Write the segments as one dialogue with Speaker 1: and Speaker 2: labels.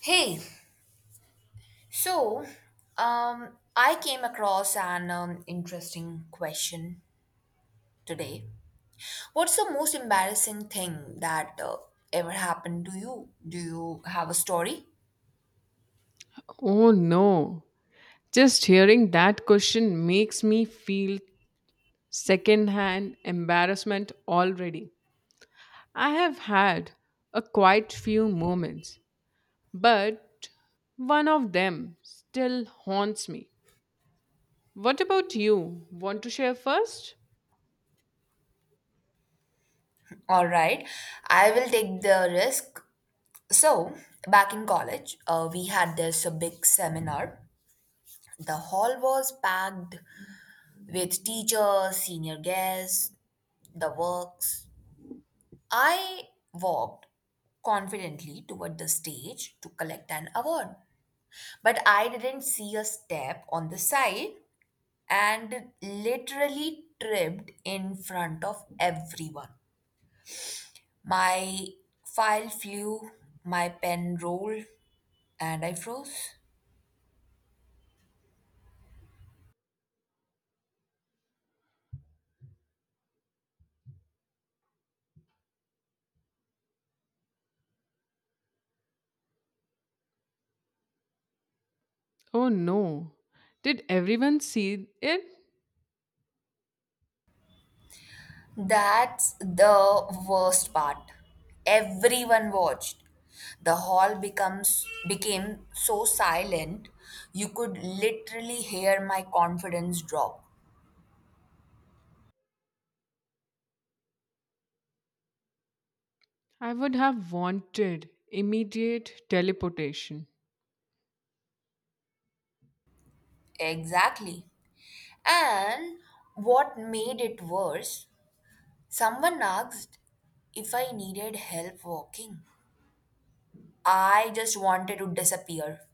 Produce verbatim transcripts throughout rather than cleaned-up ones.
Speaker 1: Hey, so um, I came across an um, interesting question today. What's the most embarrassing thing that uh, ever happened to you? Do you have a story?
Speaker 2: Oh no. Just hearing that question makes me feel secondhand embarrassment already. I have had a quite few moments, but one of them still haunts me. What about you? Want to share first?
Speaker 1: All right, I will take the risk. So, back in college, uh, we had this uh, big seminar. The hall was packed with teachers, senior guests, the works. I walked confidently toward the stage to collect an award, but I didn't see a step on the side and literally tripped in front of everyone. My file flew, my pen rolled, and I froze.
Speaker 2: Oh no. Did everyone see it?
Speaker 1: That's the worst part. Everyone watched. The hall becomes became so silent you could literally hear my confidence drop.
Speaker 2: I would have wanted immediate teleportation.
Speaker 1: Exactly. And what made it worse, someone asked if I needed help walking. I just wanted to disappear.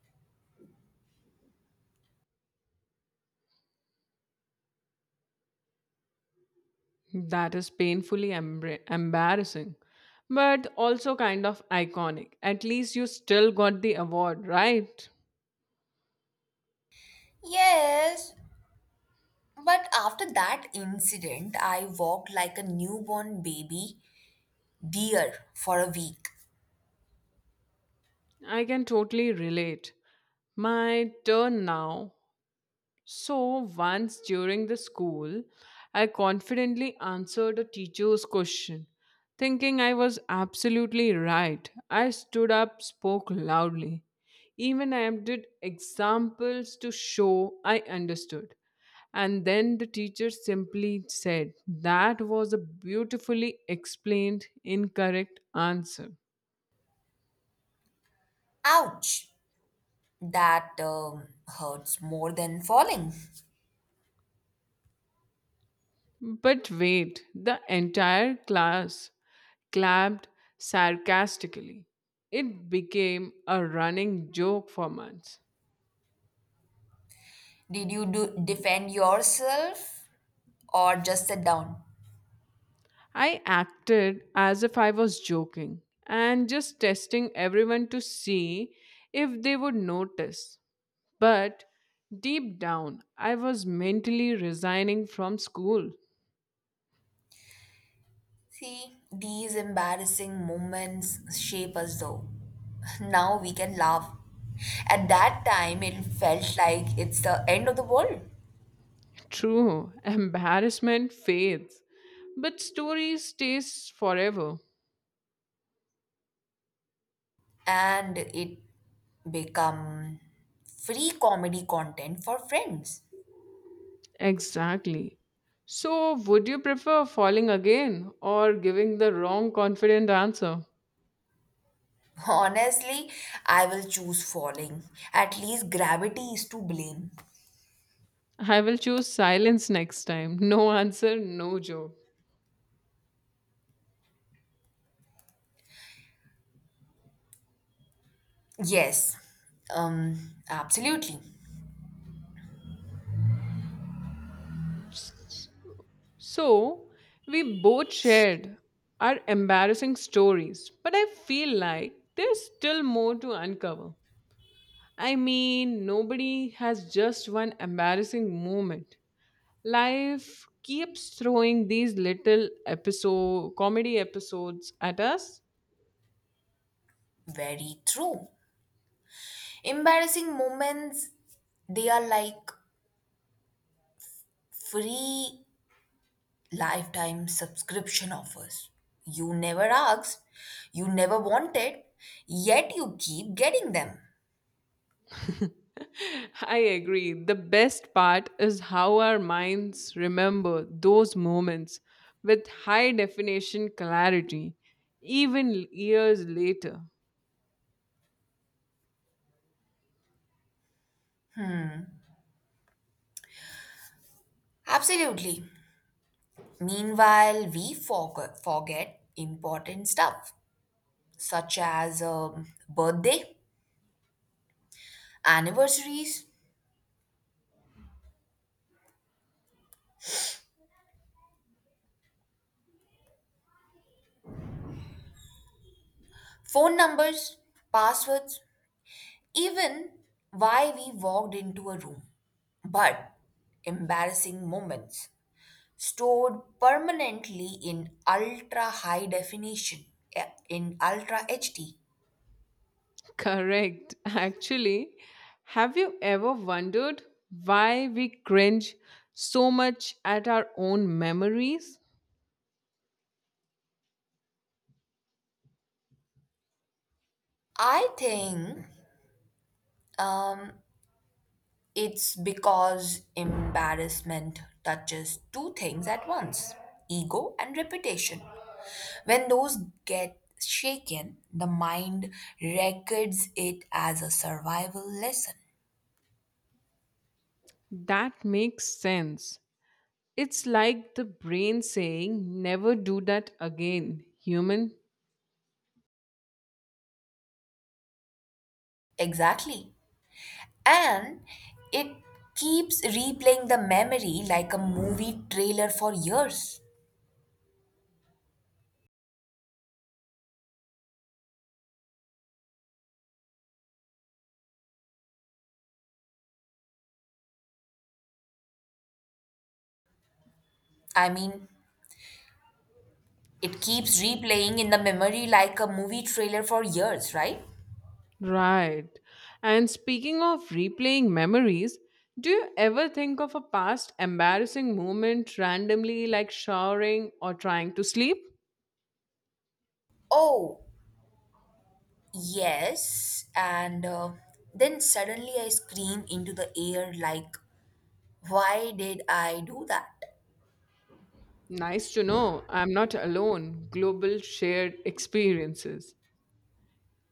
Speaker 2: That is painfully embra- embarrassing, but also kind of iconic. At least you still got the award, right?
Speaker 1: Yes, but after that incident, I walked like a newborn baby beer for a week.
Speaker 2: I can totally relate. My turn now. So, once during the school, I confidently answered a teacher's question, thinking I was absolutely right. I stood up, spoke loudly, even I did examples to show I understood. And then the teacher simply said, "That was a beautifully explained incorrect answer."
Speaker 1: Ouch! That um, hurts more than falling.
Speaker 2: But wait, the entire class clapped sarcastically. It became a running joke for months.
Speaker 1: Did you do defend yourself or just sit down?
Speaker 2: I acted as if I was joking and just testing everyone to see if they would notice. But deep down, I was mentally resigning from school.
Speaker 1: See, these embarrassing moments shape us though. Now we can laugh. At that time, it felt like it's the end of the world.
Speaker 2: True, embarrassment fades, but story stays forever.
Speaker 1: And it become free comedy content for friends.
Speaker 2: Exactly. So, would you prefer falling again or giving the wrong confident answer?
Speaker 1: Honestly, I will choose falling. At least gravity is to blame.
Speaker 2: I will choose silence next time. No answer, no joke.
Speaker 1: Yes, um, absolutely.
Speaker 2: S- So, we both shared our embarrassing stories, but I feel like there's still more to uncover. I mean, nobody has just one embarrassing moment. Life keeps throwing these little episode comedy episodes at us.
Speaker 1: Very true. Embarrassing moments, they are like free lifetime subscription offers. You never asked, you never wanted, yet you keep getting them.
Speaker 2: I agree. The best part is how our minds remember those moments with high definition clarity, even years later.
Speaker 1: Absolutely. Meanwhile, we forget, forget important stuff, such as a birthday, anniversaries, phone numbers, passwords, even why we walked into a room. But embarrassing moments stored permanently in ultra high definition, eh, in ultra H D.
Speaker 2: Correct. Actually, have you ever wondered why we cringe so much at our own memories?
Speaker 1: I think, um, it's because embarrassment touches two things at once, ego and reputation. When those get shaken, the mind records it as a survival lesson.
Speaker 2: That makes sense. It's like the brain saying, "Never do that again, human."
Speaker 1: Exactly. And it keeps replaying the memory like a movie trailer for years. I mean, it
Speaker 2: S-
Speaker 1: keeps replaying in the memory like a movie trailer for years, right?
Speaker 2: Right. And speaking of replaying memories, do you ever think of a past embarrassing moment randomly, like showering or trying to sleep?
Speaker 1: Oh, yes, and uh, then suddenly I scream into the air like, why did I do that?
Speaker 2: Nice to know I'm not alone. Global shared experiences.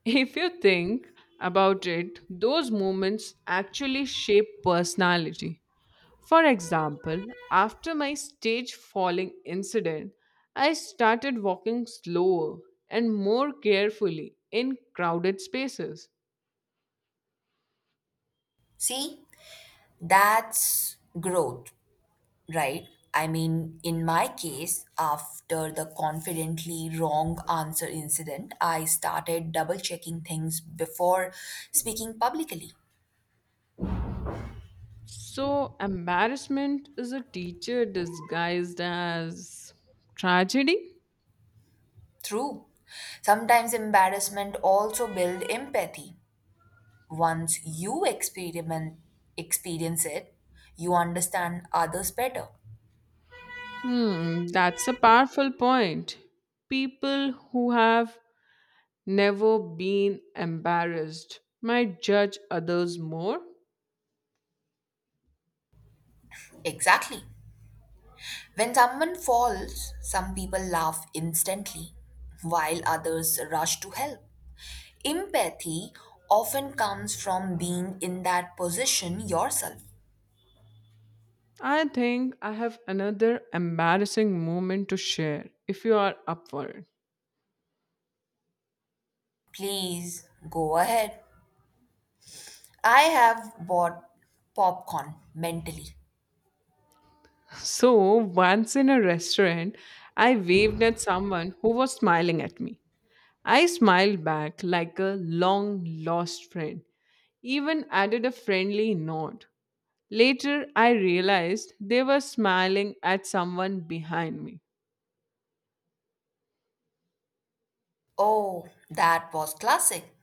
Speaker 2: If you think about it, those moments actually shape personality. For example, after my stage falling incident, I started walking slower and more carefully in crowded spaces.
Speaker 1: See, that's growth, right? I mean, in my case, after the confidently wrong answer incident, I started double checking things before speaking publicly.
Speaker 2: So, embarrassment is a teacher disguised as tragedy?
Speaker 1: True. Sometimes embarrassment also build empathy. Once you experiment experience it, you understand others better.
Speaker 2: Hmm, that's a powerful point. People who have never been embarrassed might judge others more.
Speaker 1: Exactly. When someone falls, some people laugh instantly, while others rush to help. Empathy often comes from being in that position yourself.
Speaker 2: I think I have another embarrassing moment to share if you are up for it.
Speaker 1: Please go ahead. I have bought popcorn mentally.
Speaker 2: So, once in a restaurant, I waved at someone who was smiling at me. I smiled back like a long lost friend, even added a friendly nod. Later, I realized they were smiling at someone behind me.
Speaker 1: Oh, that was classic.